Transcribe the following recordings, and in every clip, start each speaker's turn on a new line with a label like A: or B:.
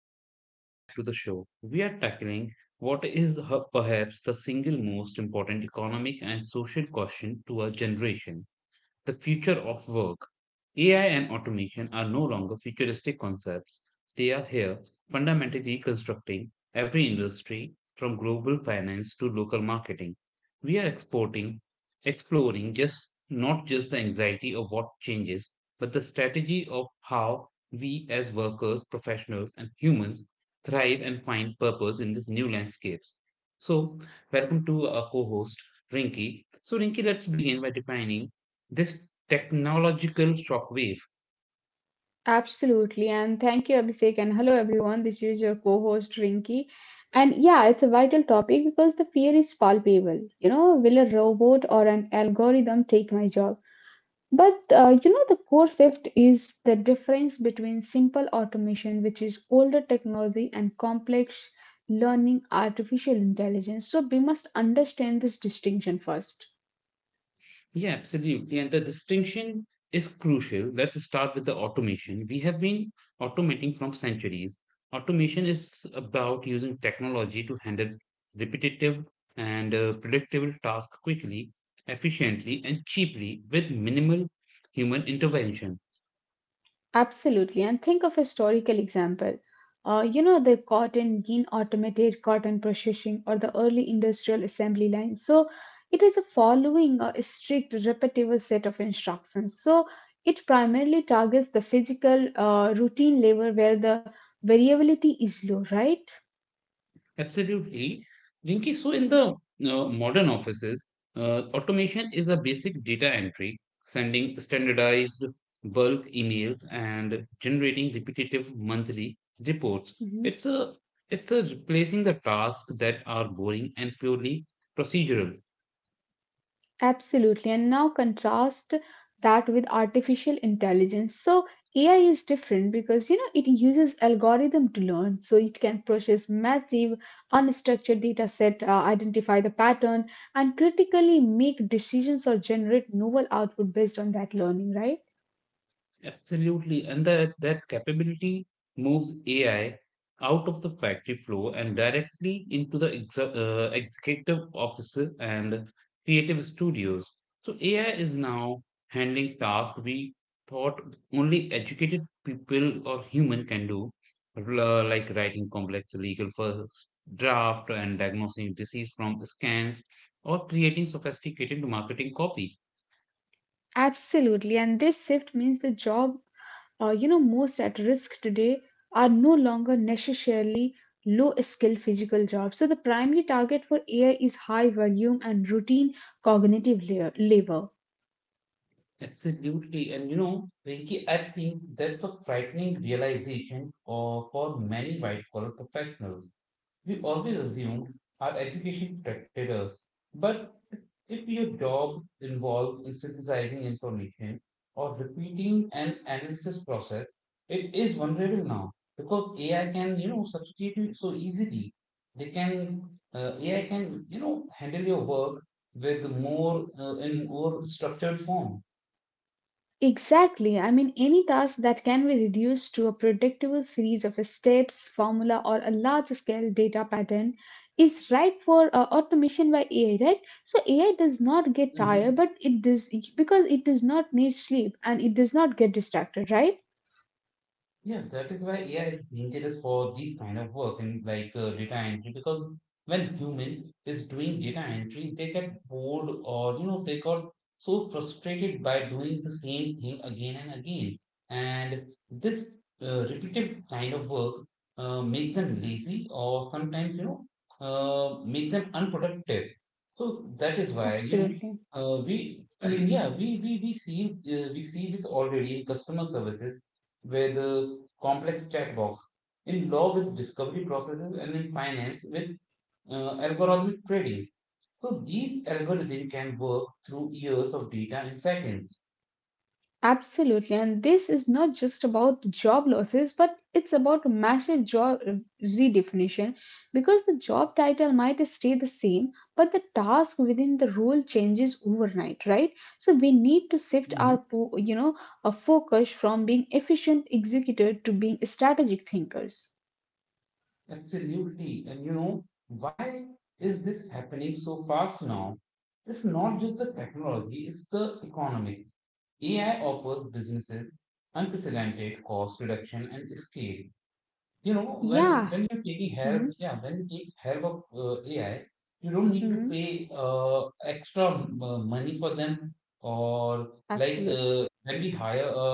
A: everyone, and welcome back to the show. We are tackling perhaps the single most important economic and social question to our generation, the future of work. AI and automation are no longer futuristic concepts. They are here, fundamentally reconstructing every industry from global finance to local marketing. We are exporting, exploring just not just the anxiety of what changes, but the strategy of how we as workers, professionals, and humans thrive and find purpose in these new landscapes. So, welcome to our co-host Rinki. So, Rinki, let's begin by defining this technological shockwave.
B: Absolutely. And thank you, Abhishek. And hello, everyone. This is your co host, Rinki. And yeah, it's a vital topic because the fear is palpable. You know, will a robot or an algorithm take my job? But, you know, the core shift is the difference between simple automation, which is older technology, and complex learning artificial intelligence. So we must understand this distinction first.
A: Yeah, absolutely. And the distinction is crucial. Let's start with the automation. We have been automating from centuries. Automation is about using technology to handle repetitive and predictable tasks quickly, efficiently, and cheaply with minimal human intervention.
B: Absolutely. And think of a historical example. You know, the cotton gin automated cotton processing or the early industrial assembly line. So it is a following a strict repetitive set of instructions. So it primarily targets the physical routine labor where the variability is low, right?
A: Absolutely. Jinky, so in the modern offices, automation is a basic data entry, sending standardized bulk emails and generating repetitive monthly reports.
B: Mm-hmm.
A: It's a it's a replacing the tasks that are boring and purely procedural.
B: Absolutely. And now contrast that with artificial intelligence. So AI is different because you know it uses algorithm to learn. So it can process massive unstructured data set, identify the pattern, and critically make decisions or generate novel output based on that learning, right?
A: Absolutely. And that capability moves AI out of the factory floor and directly into the executive officer and creative studios. So AI is now handling tasks we thought only educated people or human can do, like writing complex legal first draft and diagnosing disease from scans or creating sophisticated marketing copy.
B: Absolutely, and this shift means the job, you know, most at risk today are no longer necessarily low-skilled physical jobs. So the primary target for AI is high-volume and routine cognitive labor.
A: Absolutely. And you know, Vicky, I think that's a frightening realization for many white collar professionals. We always assumed our education protected us. But if your job involved in synthesizing information or repeating an analysis process, it is vulnerable now because AI can, you know, substitute it so easily. They can, AI can, you know, handle your work with more structured form.
B: Exactly. I mean, any task that can be reduced to a predictable series of steps, formula, or a large scale data pattern is ripe for automation by AI, right? So AI does not get tired,
A: Mhm.
B: but it does because it does not need sleep and it does not get distracted, right?
A: Yeah, that is why AI is dangerous for these kind of work and like data entry because when human is doing data entry, they get bored or you know they got
B: Mm-hmm.
A: so frustrated by doing the same thing again and again. And this repetitive kind of work make them lazy or sometimes you know make them unproductive. So that is why you know
B: Absolutely.
A: we yeah we see this already in customer services with a complex chat box, in law with discovery processes, and in finance with algorithmic trading. So these algorithms can work through years of data in seconds.
B: Absolutely, and this is not just about job losses, but it's about a massive job redefinition because the job title might stay the same, but the task within the role changes overnight, right? So we need to shift
A: Mhm.
B: you know, a focus from being efficient executor to being strategic thinkers.
A: Absolutely. And you know, why is this happening so fast now? It's not just the technology, it's the economics. AI offers businesses unprecedented cost reduction and scale. you know when
B: Yeah.
A: when you're taking help,
B: Mhm,
A: yeah, when you take help of ai, you don't need to
B: mhm.
A: pay extra money for them, or like
B: Absolutely,
A: when we hire a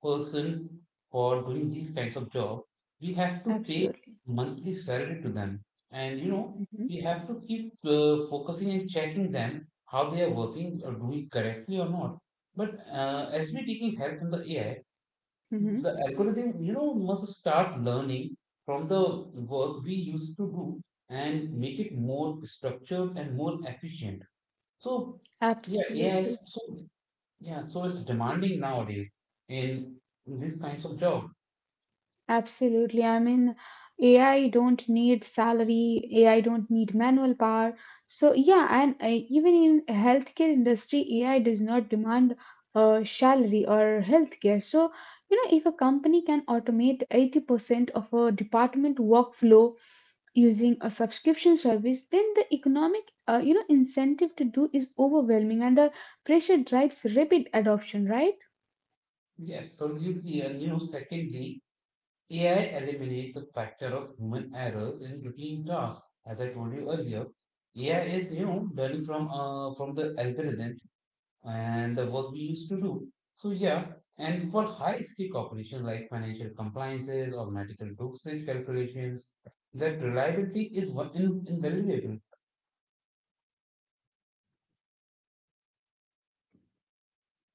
A: person for doing these kinds of job, we have to pay
B: absolutely.
A: monthly salary to them. And you know,
B: Hmm,
A: we have to keep focusing and checking them how they are working or doing correctly or not. But as we're taking help from the ai,
B: hmm,
A: the algorithm, you know, must start learning from the work we used to do and make it more structured and more efficient. So yeah ai is
B: absolutely.
A: so yeah so it's demanding nowadays in these kinds of job.
B: Absolutely. I mean, AI don't need salary, AI don't need manual power. So yeah, and even in healthcare industry, AI does not demand salary or healthcare. So, you know, if a company can automate 80% of a department workflow using a subscription service, then the economic, you know, incentive to do is overwhelming and the pressure drives rapid adoption, right?
A: Yeah, absolutely. And you know, secondly, ai eliminates the factor of human errors in routine tasks. As I told you earlier, ai is, you know, learning from the algorithm and the work we used to do. So yeah, and for high stake operations like financial compliances or medical dosage calculations, that reliability is invaluable.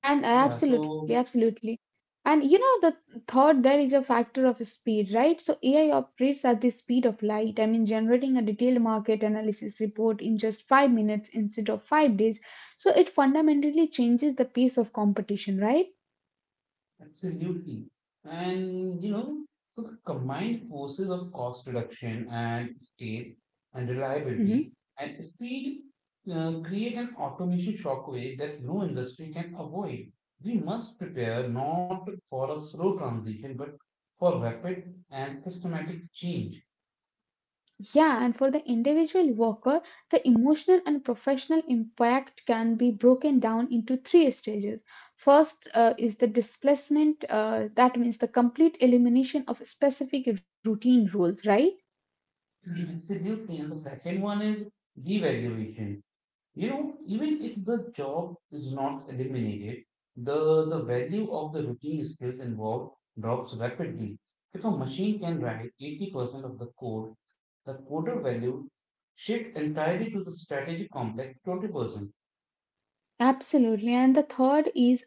A: Yeah, so
B: Absolutely. And you know, the third there is a factor of speed, right? So AI operates at the speed of light. I mean, generating a detailed market analysis report in just 5 minutes instead of 5 days. So it fundamentally changes the pace of competition, right?
A: absolutely. And you know, so the combined forces of cost reduction and scale
B: Mm-hmm.
A: and reliability and speed create an automation shockwave that no industry can avoid. We must prepare not for a slow transition, but for rapid and systematic change.
B: Yeah, and for the individual worker, the emotional and professional impact can be broken down into three stages. First is the displacement, that means the complete elimination of specific routine rules, right?
A: Mhm. Absolutely. And the second one is devaluation. You know, even if the job is not eliminated, the value of the routine skills involved drops rapidly. If a machine can write 80% of the code, the coder value shift entirely to the strategy complex 20%.
B: Absolutely. And the third is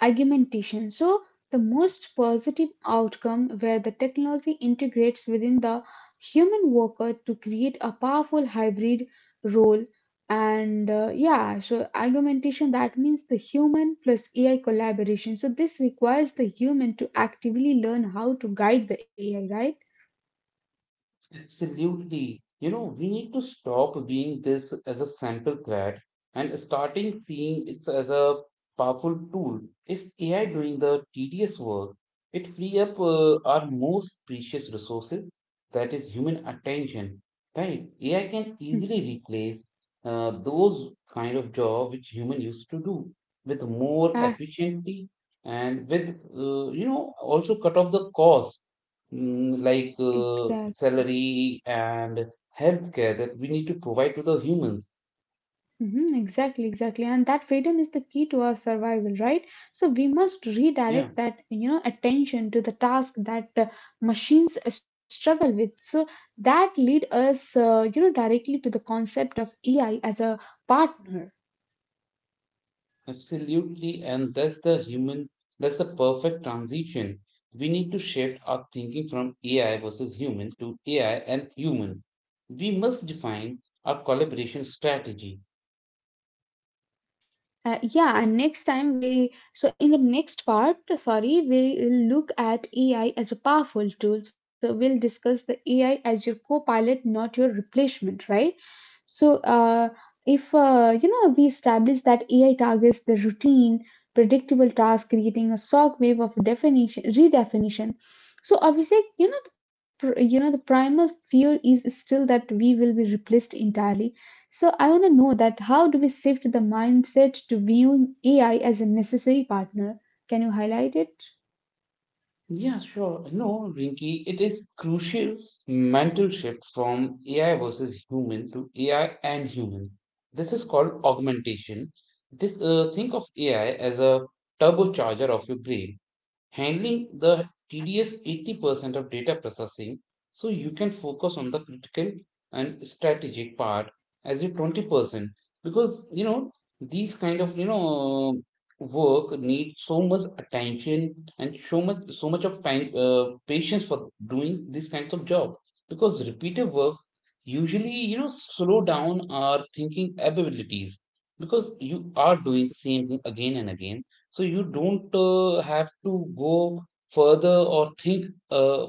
B: argumentation. So, the most positive outcome where the technology integrates within the human worker to create a powerful hybrid role. And yeah, so argumentation that means the human plus AI collaboration. So, this requires the human to actively learn how to guide the AI, right?
A: Absolutely. You know, we need to stop viewing this as a sample threat and starting seeing it as a powerful tool. If AI doing the tedious work, it free up our most precious resources, that is human attention, right? AI can
B: Mm.
A: easily replace those kind of job which human used to do with more
B: Ah,
A: efficiently and with you know also cut off the cost, mm, like
B: exactly.
A: salary and healthcare that we need to provide to the humans.
B: Hmm, exactly, exactly. And that freedom is the key to our survival, right? So we must
A: Yeah,
B: redirect that, you know, attention to the task that machines struggle with. So that lead us, you know, directly to the concept of AI as a partner.
A: absolutely. And that's the human, that's the perfect transition. We need to shift our thinking from AI versus human to AI and human. We must define our collaboration strategy.
B: Yeah, and next time we So in the next part, sorry, we will look at AI as a powerful tool. So we'll discuss the AI as your co-pilot, not your replacement, right? So if you know we establish that AI targets the routine, predictable task, creating a shock wave of definition redefinition. So obviously, you know the primal fear is still that we will be replaced entirely, so I want to know that how do we shift the mindset to viewing AI as a necessary partner? Can you highlight it?
A: Yeah, sure. No, Rinky, it is crucial mental shift from AI versus human to AI and human. This is called augmentation. This Think of AI as a turbocharger of your brain, handling the tedious 80% of data processing so you can focus on the critical and strategic part as a 20%, because you know these kind of you know work need so much attention and so much of time, patience for doing these kinds of job, because repeated work usually, you know, slow down our thinking abilities, because you are doing the same thing again and again, so you don't have to go further or think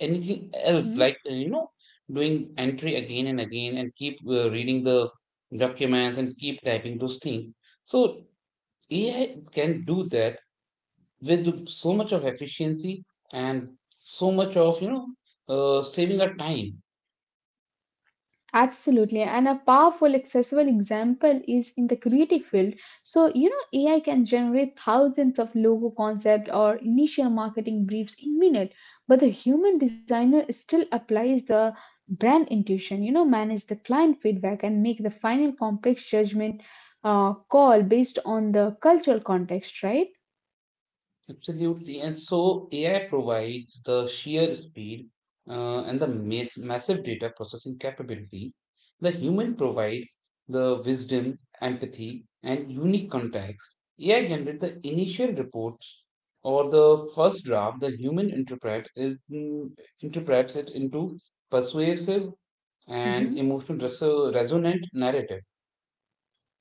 A: anything else,
B: Hmm?
A: like you know, doing entry again and again, and keep reading the documents and keep typing those things. So AI can do that with so much of efficiency and so much of you know saving our time.
B: Absolutely. And a powerful, accessible example is in the creative field. So, you know, AI can generate thousands of logo concept or initial marketing briefs in minute, but the human designer still applies the brand intuition, you know, manage the client feedback and make the final complex judgment call based on the cultural context, right?
A: Absolutely. And so AI provides the sheer speed and the massive data processing capability. The human provide the wisdom, empathy, and unique context. AI generate the initial reports or the first draft. The human interprets it into persuasive and
B: Mhm.
A: resonant narrative.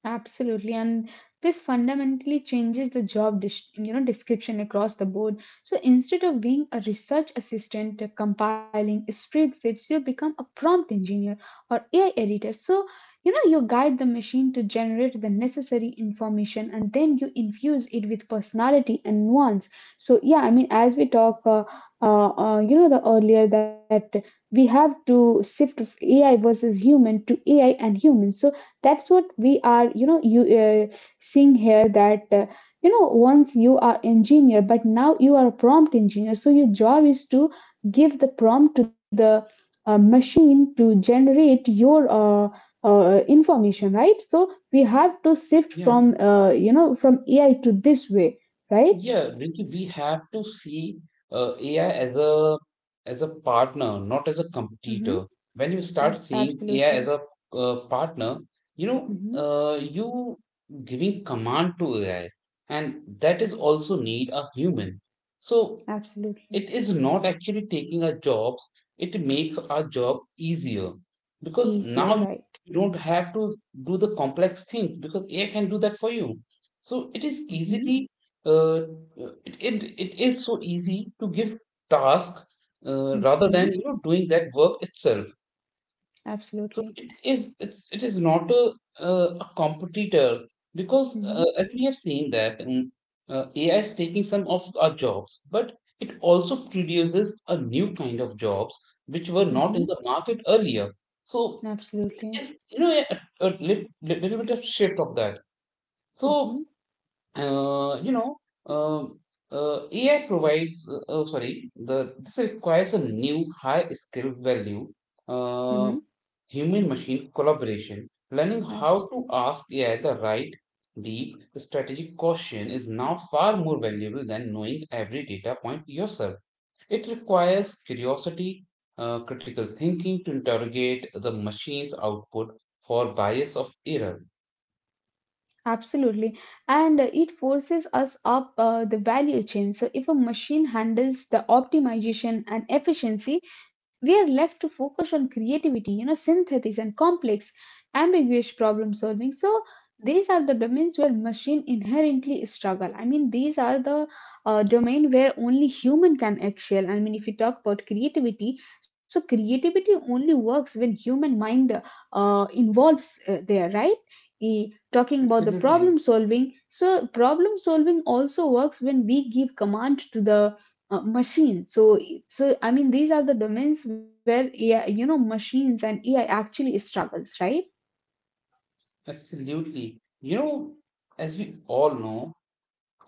B: Absolutely, and this fundamentally changes the you know, description across the board. So instead of being a research assistant compiling spreadsheets, you become a prompt engineer or AI editor. So you know you guide the machine to generate the necessary information, and then you infuse it with personality and nuance. So yeah, I mean, as we talk, you know, the earlier that we have to shift AI versus human to AI and human. So that's what we are you know you seeing here that you know once you are engineer but now you are a prompt engineer, so your job is to give the prompt to the machine to generate your information, right? So we have to shift
A: Yeah.
B: from you know from AI to this way, right?
A: Yeah, Ricky, we have to see AI as a partner, not as a
B: Mm-hmm.
A: competitor. When you start seeing AI as
B: Absolutely.
A: a partner, you know,
B: Mm-hmm.
A: you giving command to AI, and that is also need a human. So
B: Absolutely.
A: it is not actually taking our jobs, it makes our job easier, because
B: Easier,
A: now
B: right?
A: you don't have to do the complex things because ai can do that for you. So it is
B: Mm-hmm.
A: easily uh, it is so easy to give task
B: Mm-hmm.
A: rather than you know doing that work itself. So
B: Absolutely.
A: it is it's it is not a a competitor, because
B: Mm-hmm.
A: as we have seen that AI is taking some of our jobs, but it also produces a new kind of jobs which were not in
B: Mm-hmm.
A: the market earlier. So it
B: Absolutely.
A: is, you know, a little bit of shift of that. So
B: Mhm,
A: you know uh, AI provides oh, sorry the this requires a new high skill value, uh,
B: mhm.
A: human machine collaboration. Learning how
B: I've.
A: to ask AI the right, deep, strategic question is now far more valuable than knowing every data point yourself. It requires curiosity, critical thinking to interrogate the machine's output for bias of error.
B: Absolutely. And it forces us up the value chain. So, if a machine handles the optimization and efficiency, we are left to focus on creativity, you know, synthesis and complex, ambiguous problem solving. So, these are the domains where machine inherently struggle. I mean, these are the domain where only human can excel. I mean, if you talk about creativity, so creativity only works when human mind involves there, right? E, Talking about the problem
A: Absolutely,
B: solving, so problem solving also works when we give command to the machine. So I mean these are the domains where AI you know machines and AI actually struggles, right?
A: absolutely. You know, as we all know,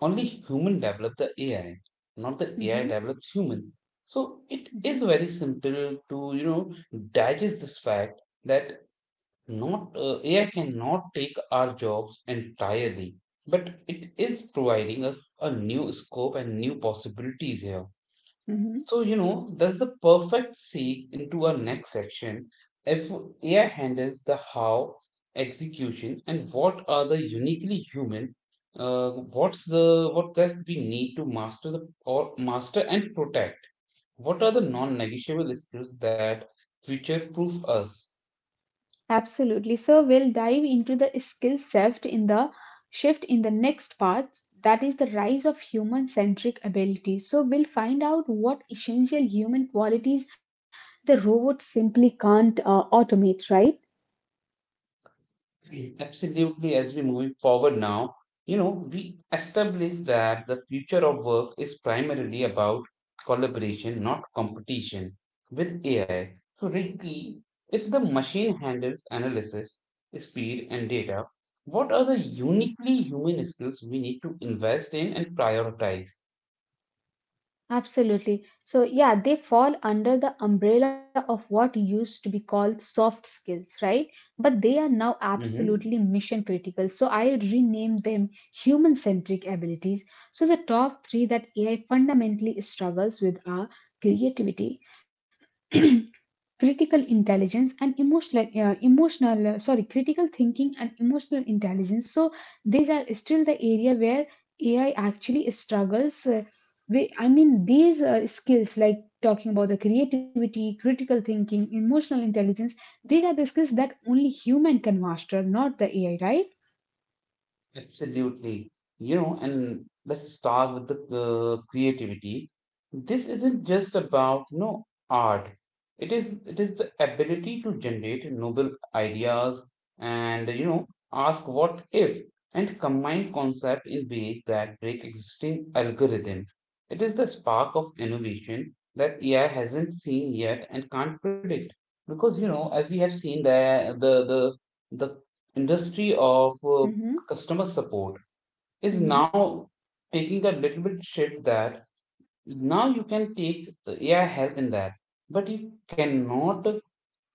A: only human developed the AI, not the AI
B: Mm-hmm.
A: developed human. So it
B: Mm-hmm.
A: is very simple to you know digest this fact that not AI cannot take our jobs entirely, but it is providing us a new scope and new possibilities here.
B: Mhm.
A: So, you know, that's the perfect segue into our next section. If AI handles the how, execution, and what are the uniquely human, what's the what that we need to master the or master and protect? What are the non-negotiable skills that future proof us?
B: Absolutely. So we'll dive into the skill shift in the next part. That is the rise of human-centric abilities. So we'll find out what essential human qualities the robot simply can't automate, right?
A: Absolutely, as we moving forward now, you know, we establish that the future of work is primarily about collaboration, not competition with AI. So, Ricky, if the machine handles analysis, speed, and data, what are the uniquely human skills we need to invest in and prioritize?
B: Absolutely. So, yeah, they fall under the umbrella of what used to be called soft skills, right? But they are now absolutely
A: Mm-hmm.
B: mission critical. So, I rename them human centric abilities. So, the top three that AI fundamentally struggles with are creativity, critical intelligence and emotional emotional sorry critical thinking and emotional intelligence. So these are still the area where AI actually struggles. Uh, we, i mean these uh, skills like talking about the creativity, critical thinking, emotional intelligence, these are the skills that only human can master, not the AI, right?
A: Absolutely. You know, and let's start with the creativity. This isn't just about, you know, art. It is the ability to generate novel ideas and, you know, ask what if and combine concept in ways that break existing algorithms. It is the spark of innovation that AI hasn't seen yet and can't predict. Because, you know, as we have seen, the industry of
B: Mm-hmm,
A: customer support is
B: mm-hmm.
A: now taking a little bit shit that now you can take AI help in that, but you cannot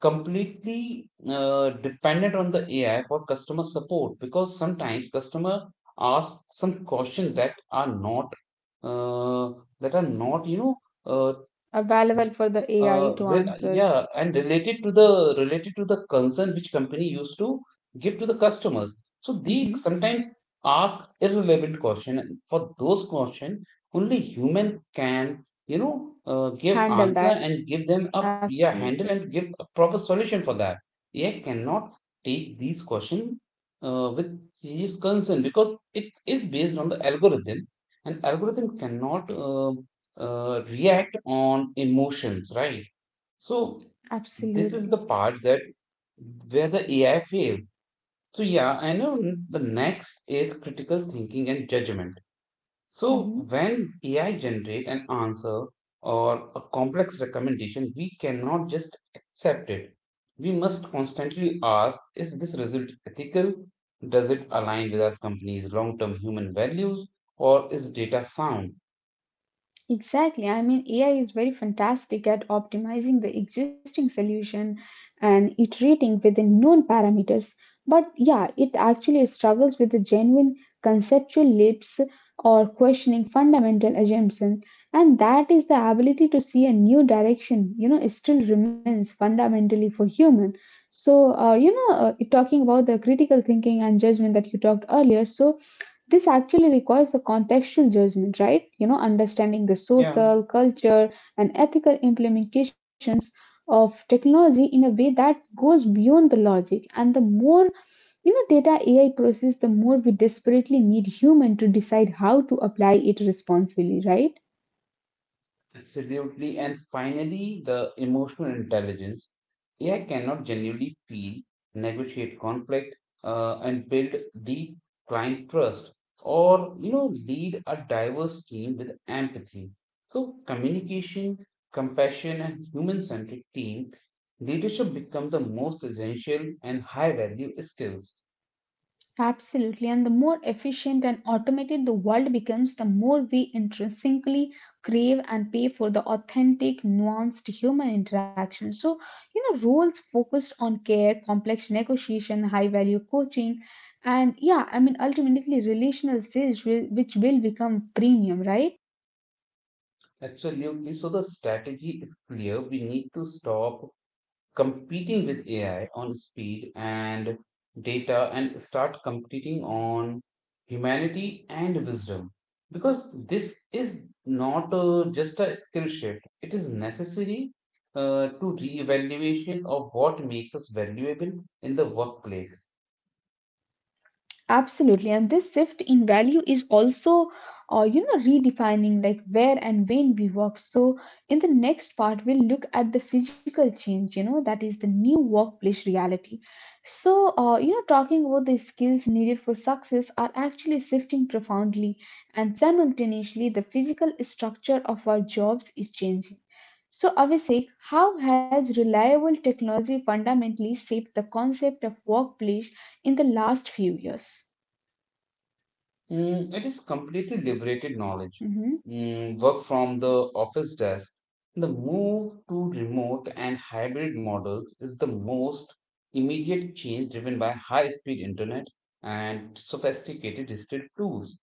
A: completely dependent on the AI for customer support because sometimes customer ask some questions uh, that are not you know uh,
B: Available for the AI to
A: well,
B: answer.
A: yeah, and related to the concern which company used to give to the customers. So they
B: Mm-hmm.
A: sometimes ask irrelevant question, and for those question, only human can, give
B: Handle
A: answer
B: that,
A: and give them a yeah
B: absolutely,
A: handle and give a proper solution for that. AI cannot take these question with serious concern because it is based on the algorithm, and algorithm cannot react on emotions, right? So this
B: absolutely.
A: is the part that where the AI fails. So yeah, I know the next is critical thinking and judgment. So
B: Hmm.
A: when AI generate an answer or a complex recommendation, we cannot just accept it. We must constantly ask, is this result ethical? Does it align with our company's long-term human values? Or is data sound?
B: Exactly. I mean, AI is very fantastic at optimizing the existing solution and iterating within known parameters. But yeah, it actually struggles with the genuine conceptual leaps or questioning fundamental assumptions. And that is the ability to see a new direction, you know, it still remains fundamentally for human. So, talking about the critical thinking and judgment that you talked earlier, so this actually requires a contextual judgment, right? You know, understanding the
A: Yeah.
B: social, culture, and ethical implication of technology in a way that goes beyond the logic. And the more you know data AI process, the more we desperately need human to decide how to apply it responsibly, right?
A: Absolutely. And finally, the emotional intelligence. AI cannot genuinely feel, negotiate conflict, and build deep client trust, or you know, lead a diverse team with empathy. So, communication, compassion, and human-centric team leadership become the most essential and high-value skills.
B: Absolutely. And the more efficient and automated the world becomes, the more we intrinsically crave and pay for the authentic, nuanced human interaction. So, you know, roles focused on care, complex negotiation, high value coaching, and yeah, I mean, ultimately relational sales, will, which will become premium, right?
A: Absolutely. So the strategy is clear. We need to stop competing with AI on speed and data and start competing on humanity and wisdom. Because this is not just a skill shift, it is necessary to re evaluation of what makes us valuable in the workplace.
B: Absolutely, and this shift in value is also, you know, redefining like where and when we work. So, in the next part, we'll look at the physical change, you know, that is the new workplace reality. So, you know, talking about the skills needed for success are actually shifting profoundly, and simultaneously, the physical structure of our jobs is changing. So, Abhishek, how has reliable technology fundamentally shaped the concept of workplace in the last few years?
A: Mm, it is completely liberated knowledge.
B: Mm-hmm,
A: Mm, work from the office desk. The move to remote and hybrid models is the most immediate change driven by high speed internet and sophisticated digital tools.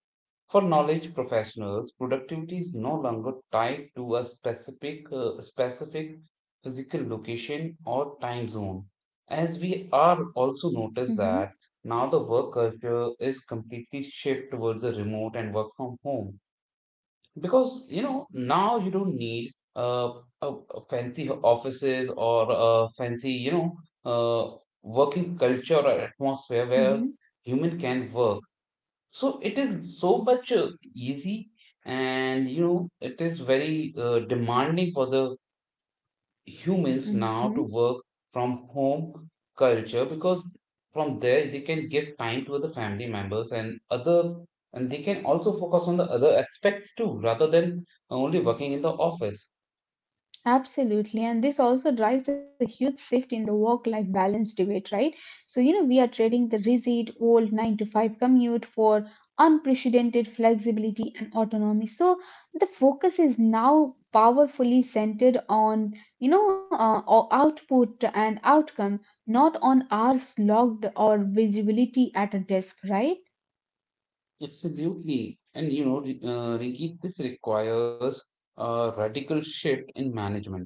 A: For knowledge professionals, productivity is no longer tied to a specific physical location or time zone, as we are also noticed that
B: mm-hmm,
A: now the work culture is completely shift towards the remote and work from home because you know now you don't need uh, a, a fancy offices or a fancy you know uh, working culture or atmosphere where
B: mm-hmm,
A: human can work, so it is so much easy, and you know it is very demanding for the humans
B: mm-hmm.
A: now to work from home culture because from there they can give time to other family members, and they can also focus on the other aspects too rather than only working in the office.
B: Absolutely. And this also drives a huge shift in the work-life balance debate, right? So, you know, we are trading the rigid old 9 to 5 commute for unprecedented flexibility and autonomy. So the focus is now powerfully centered on, you know, output and outcome, not on hours logged or visibility at a desk, right?
A: Absolutely, and you know, Rinki, this requires a radical shift in management,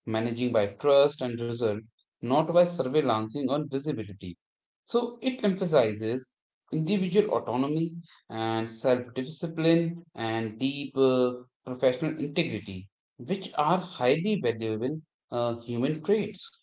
A: managing by trust and result, not by surveillancing or visibility. So it emphasizes individual autonomy and self discipline and deep professional integrity, which are highly valuable human traits.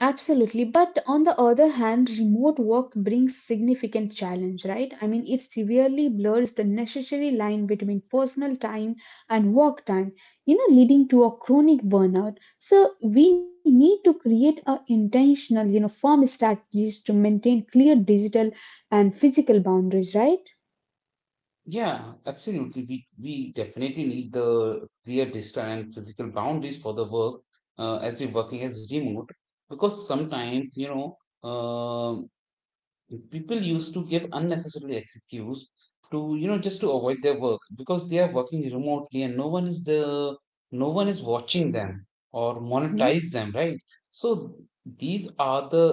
B: Absolutely. But on the other hand, remote work brings significant challenge, right? I mean, it severely blurs the necessary line between personal time and work time, you know, leading to a chronic burnout. So we need to create a intentional, you know, firm strategies to maintain clear digital and physical boundaries, right?
A: Yeah, absolutely. We definitely need the clear digital and physical boundaries for the work as we're working as remote because sometimes, people used to give unnecessary excuse to you know just to avoid their work because they are working remotely and no one is watching them or
B: Mm-hmm.
A: monetize them, right? So these are the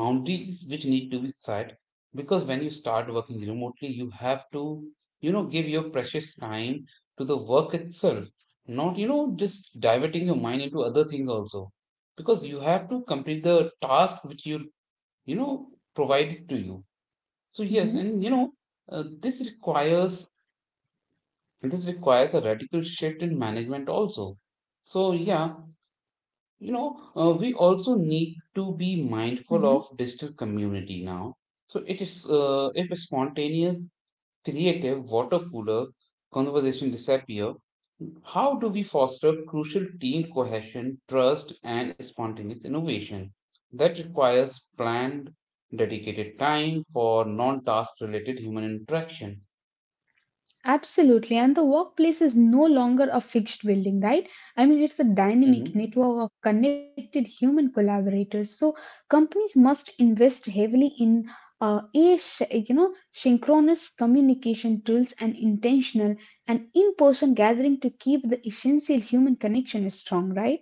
A: boundaries which need to be set, because when you start working remotely you have to, you know, give your precious time to the work itself, not you know just diverting your mind into other things also, because you have to complete the task which you know, provided to you. So
B: Mm-hmm.
A: yes, and you know uh, this requires this requires a radical shift in management also. So yeah, you know, we also need to be mindful
B: Mm-hmm.
A: of digital community now. So it is, if a spontaneous creative water cooler conversation disappear, how do we foster crucial team cohesion, trust, and spontaneous innovation? That requires planned, dedicated time for non task related human interaction.
B: Absolutely. And the workplace is no longer a fixed building, right? I mean, it's a dynamic
A: Mhm.
B: network of connected human collaborators. So companies must invest heavily in a sh- you know synchronous communication tools and intentional and in-person gathering to keep the essential human connection strong, right?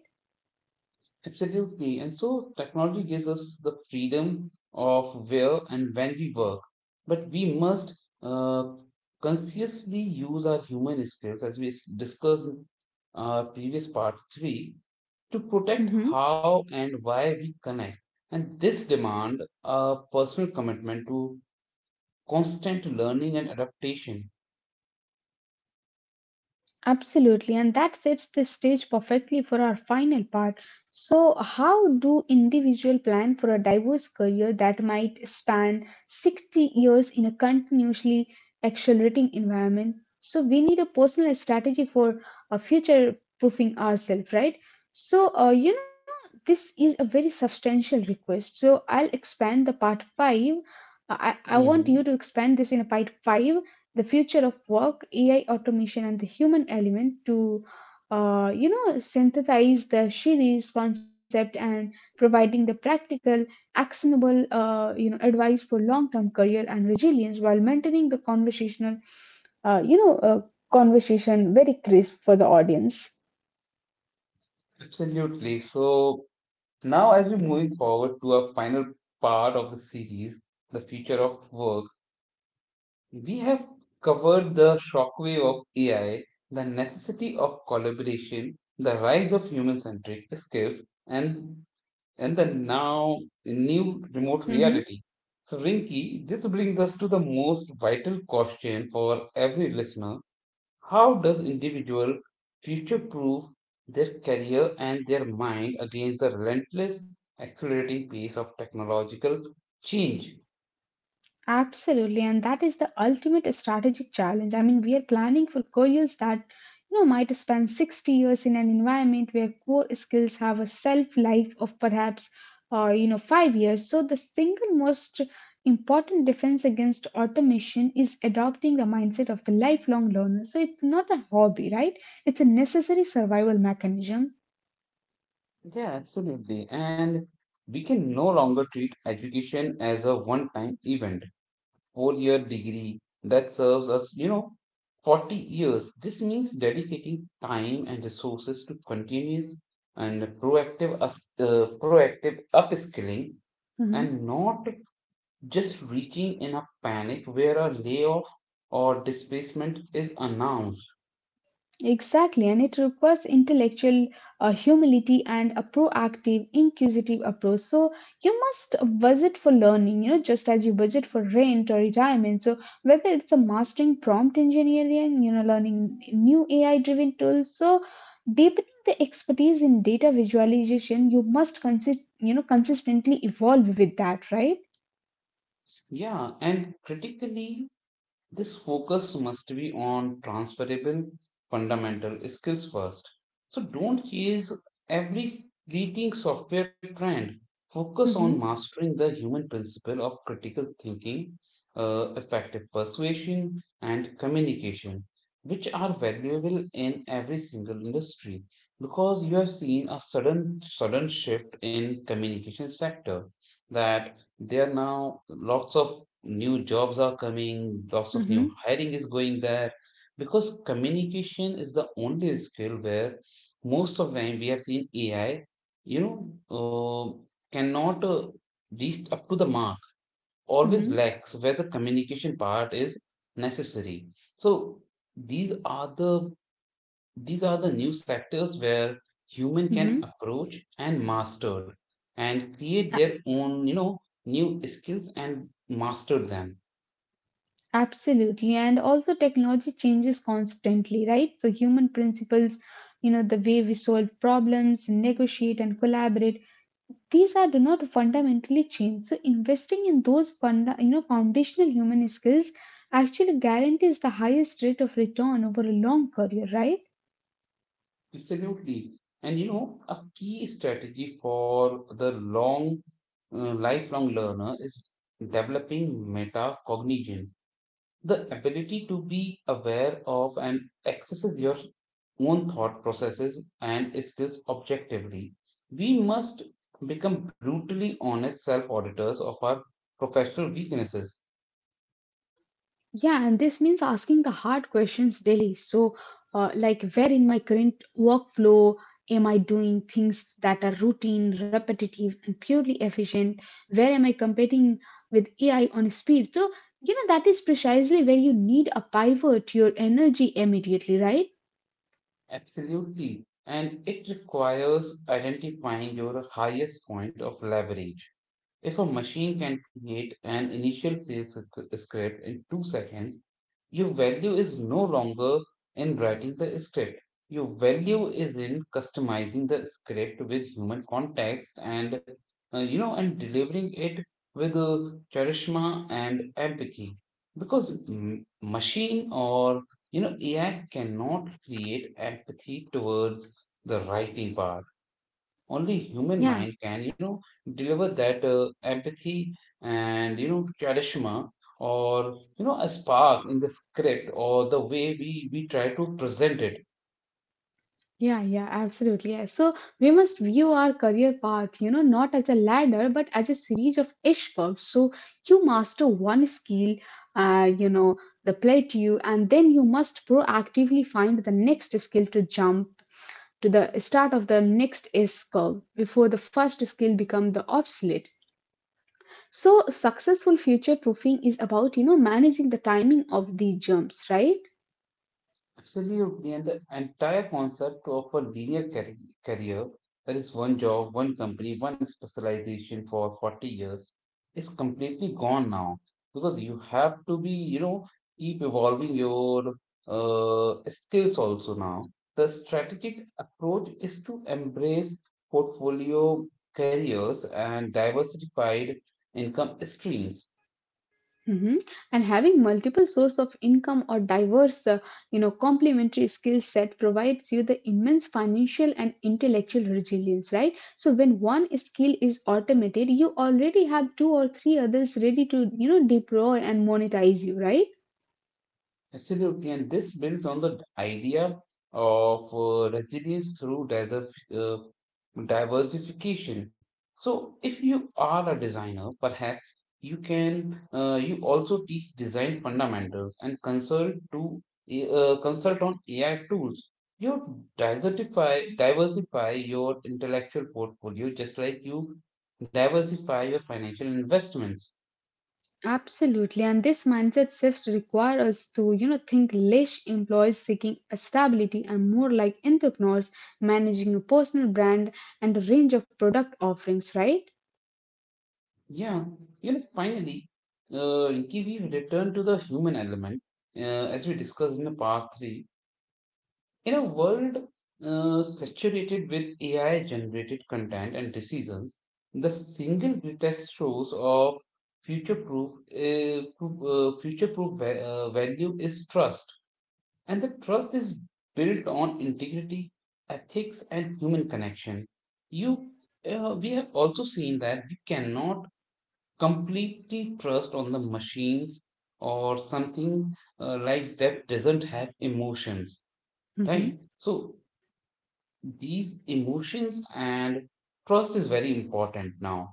A: Absolutely. And so technology gives us the freedom of where and when we work, but we must consciously use our human skills as we discussed in previous part 3 to protect
B: Mm-hmm.
A: how and why we connect. And this demand a personal commitment to constant learning and adaptation.
B: Absolutely, and that sets the stage perfectly for our final part. So, how do individual plan for a diverse career that might span 60 years in a continuously accelerating environment? So, we need a personal strategy for future proofing ourselves, right? So, this is a very substantial request. So, I'll expand the part five. I want you to
A: Hmm.
B: expand this in a part five the future of work, AI automation, and the human element to synthesize the series concept and providing the practical, actionable advice for long-term career and resilience while maintaining the conversational uh, you know, uh, conversation very crisp for the audience.
A: Absolutely. So now as we're moving forward to our final part of the series, the future of work. We have covered the shockwave of AI, the necessity of collaboration, the rise of human-centric skills, and and the now new remote
B: Mhm.
A: reality. So, Rinki, this brings us to the most vital question for every listener: how does individual future-proof their career and their mind against the relentless, accelerating pace of technological change?
B: Absolutely, and that is the ultimate strategic challenge. I mean, we are planning for careers that might spend 60 years in an environment where core skills have a shelf life of perhaps 5 years. So the single most important defense against automation is adopting the mindset of the lifelong learner. So it's not a hobby, right? It's a necessary survival mechanism.
A: Yeah, absolutely. And we can no longer treat education as a one-time event, four-year degree that serves us, you know, 40 years. This means dedicating time and resources to continuous and proactive upskilling,
B: Mm-hmm.
A: and not just reaching in a panic where a layoff or displacement is announced.
B: Exactly, and it requires intellectual humility and a proactive, inquisitive approach. So you must budget for learning, you know, just as you budget for rent or retirement. So whether it's a mastering prompt engineering, you know, learning new AI-driven tools, so deepening the expertise in data visualization, you must consider consistently evolve with that, right?
A: Yeah, and critically, this focus must be on transferable fundamental skills first. So don't chase every fleeting software trend. Focus on
B: Mm-hmm,
A: mastering the human principle of critical thinking, effective persuasion, and communication, which are valuable in every single industry. Because you have seen a sudden shift in communication sector, that there are now lots of new jobs are coming, lots of new
B: mm-hmm,
A: hiring is going there, because communication is the only skill where most of time we have seen AI, you know, cannot reach up to the mark, always
B: mm-hmm,
A: lacks where the communication part is necessary. So these are the these are the new sectors where human can
B: mm-hmm.
A: approach and master and create their own, you know, new skills and master them.
B: Absolutely. And also technology changes constantly, right? So human principles, you know, the way we solve problems, negotiate and collaborate these are do not fundamentally change. So investing in those funda, you know foundational human skills actually guarantees the highest rate of return over a long career, right?
A: Absolutely. And you know, a key strategy for the lifelong learner is developing metacognition, the ability to be aware of and accesses your own thought processes and skills objectively. We must become brutally honest self auditors of our professional weaknesses.
B: Yeah, and this means asking the hard questions daily. So, like, where in my current workflow am I doing things that are routine, repetitive, and purely efficient? Where am I competing with AI on speed? So, you know, that is precisely where you need a pivot your energy immediately, right?
A: Absolutely. And it requires identifying your highest point of leverage. If a machine can create an initial sales script in 2 seconds, your value is no longer in writing the script. Your value is in customizing the script with human context and, and delivering it with charisma and empathy. Because machine or, you know, AI cannot create empathy towards the writing part, only human
B: Yeah,
A: mind can you know deliver that empathy and you know charisma or you know a spark in the script or the way we try to present it.
B: Yeah, absolutely. Yeah. So we must view our career path, you know, not as a ladder, but as a series of S curves. So you master one skill, uh, you know, the plateau, and then you must proactively find the next skill to jump to the start of the next S curve before the first skill become the obsolete. So successful future proofing is about, you know, managing the timing of the jumps, right?
A: Absolutely, and the entire concept of a linear career, that is one job, one company, one specialization for 40 years, is completely gone now because you have to be, you know, keep evolving your uh, skills also now. The strategic approach is to embrace portfolio careers and diversified income streams.
B: Mhm. And having multiple source of income or diverse, complementary skill set provides you the immense financial and intellectual resilience, right? So when one skill is automated, you already have two or three others ready to, you know, deploy and monetize you, right?
A: Absolutely, and this builds on the idea of resilience through diversification. So, if you are a designer, perhaps you can you also teach design fundamentals and consult to consult on AI tools. You diversify your intellectual portfolio just like you diversify your financial investments.
B: Absolutely, and this mindset shift requires us to, you know, think less employees seeking stability and more like entrepreneurs managing a personal brand and a range of product offerings, right?
A: Yeah, you know, finally, Rinki, we return to the human element, uh, as we discussed in the part three. In a world saturated with AI-generated content and decisions, the single greatest source of future-proof value is trust, and the trust is built on integrity, ethics, and human connection. You, we have also seen that we cannot completely trust on the machines or something like that doesn't have emotions,
B: Hmm.
A: right? So these emotions and trust is very important now.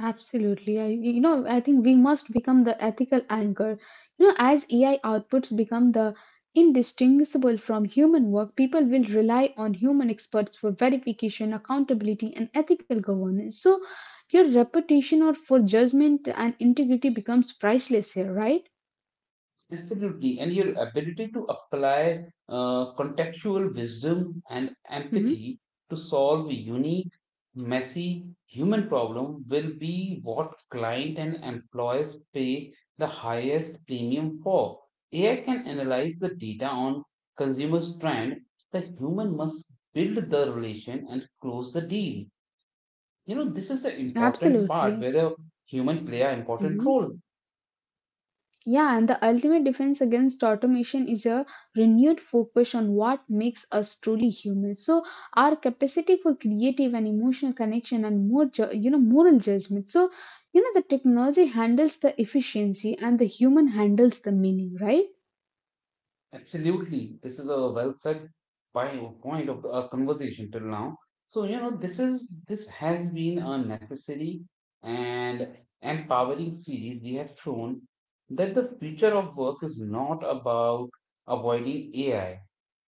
B: Absolutely. I think we must become the ethical anchor. You know, as AI outputs become the indistinguishable from human work, people will rely on human experts for verification, accountability, and ethical governance. So, your reputation or for judgment and integrity becomes priceless here, right?
A: Absolutely. And your ability to apply
B: Hmm.
A: contextual wisdom and empathy to solve a unique, messy human problem will be what client and employers pay the highest premium for. AI can analyze the data on consumers' trend. The human must build the relation and close the deal. You know, this is the important part
B: Absolutely.
A: where the human play an important
B: Mhm.
A: role.
B: Yeah, and the ultimate defense against automation is a renewed focus on what makes us truly human. So our capacity for creative and emotional connection and more, moral judgment. So you know, the technology handles the efficiency and the human handles the meaning, right?
A: Absolutely. This is a well said point of our conversation till now. So, you know, this has been a necessary and empowering series. We have shown that the future of work is not about avoiding AI,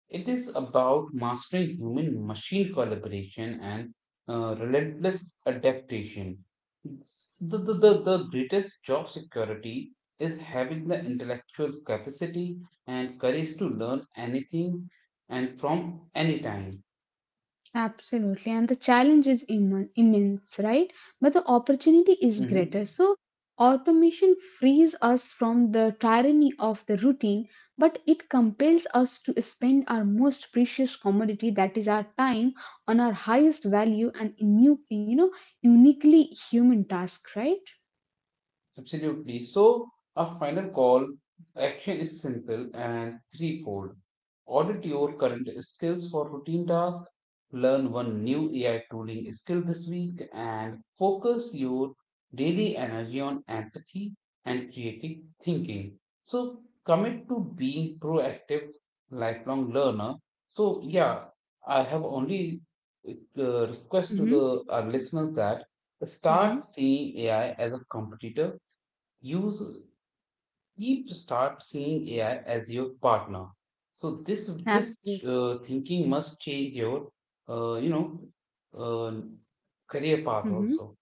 A: it is about mastering human machine collaboration and relentless adaptation. The greatest job security is having the intellectual capacity and courage to learn anything and from any time.
B: Absolutely. And the challenge is immense, right? But the opportunity is
A: Mhm.
B: greater. So, automation frees us from the tyranny of the routine, but it compels us to spend our most precious commodity, that is our time, on our highest value and new, you know, uniquely human task, right?
A: Absolutely. So, a final call action is simple and threefold. Audit your current skills for routine tasks, learn one new AI tooling skill this week, and focus your daily energy on empathy and creative thinking. So, commit to being proactive, lifelong learner. So, yeah, I have only request to
B: Mm-hmm.
A: the listeners that
B: Mm-hmm.
A: start seeing AI as a competitor, you s- keep start seeing AI as your partner. So this this
B: Absolutely.
A: uh, thinking must change your uh, you know uh, career path
B: Mm-hmm.
A: also.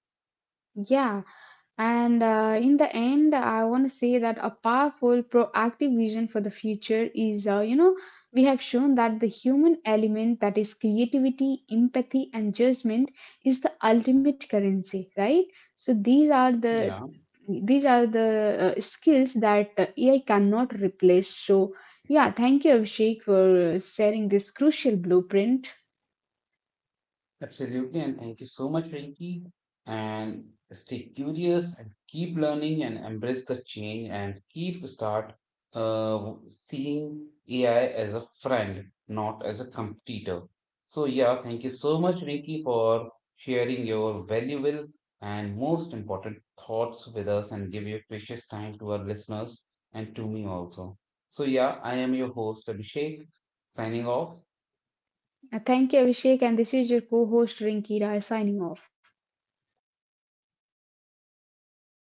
B: Yeah. And in the end, I want to say that a powerful, proactive vision for the future is, we have shown that the human element, that is creativity, empathy, and judgment, is the ultimate currency, right? So these are the
A: Yeah.
B: skills that AI cannot replace. So, yeah, thank you, Abhishek, for sharing this crucial blueprint.
A: Absolutely, and thank you so much, Rinky. And stay curious and keep learning and embrace the change and keep start seeing AI as a friend, not as a competitor. So yeah, thank you so much, Rinky, for sharing your valuable and most important thoughts with us and give your precious time to our listeners and to me also. So yeah, I am your host, Abhishek, signing off.
B: Thank you, Abhishek, and this is your co host, Rinkira, signing off.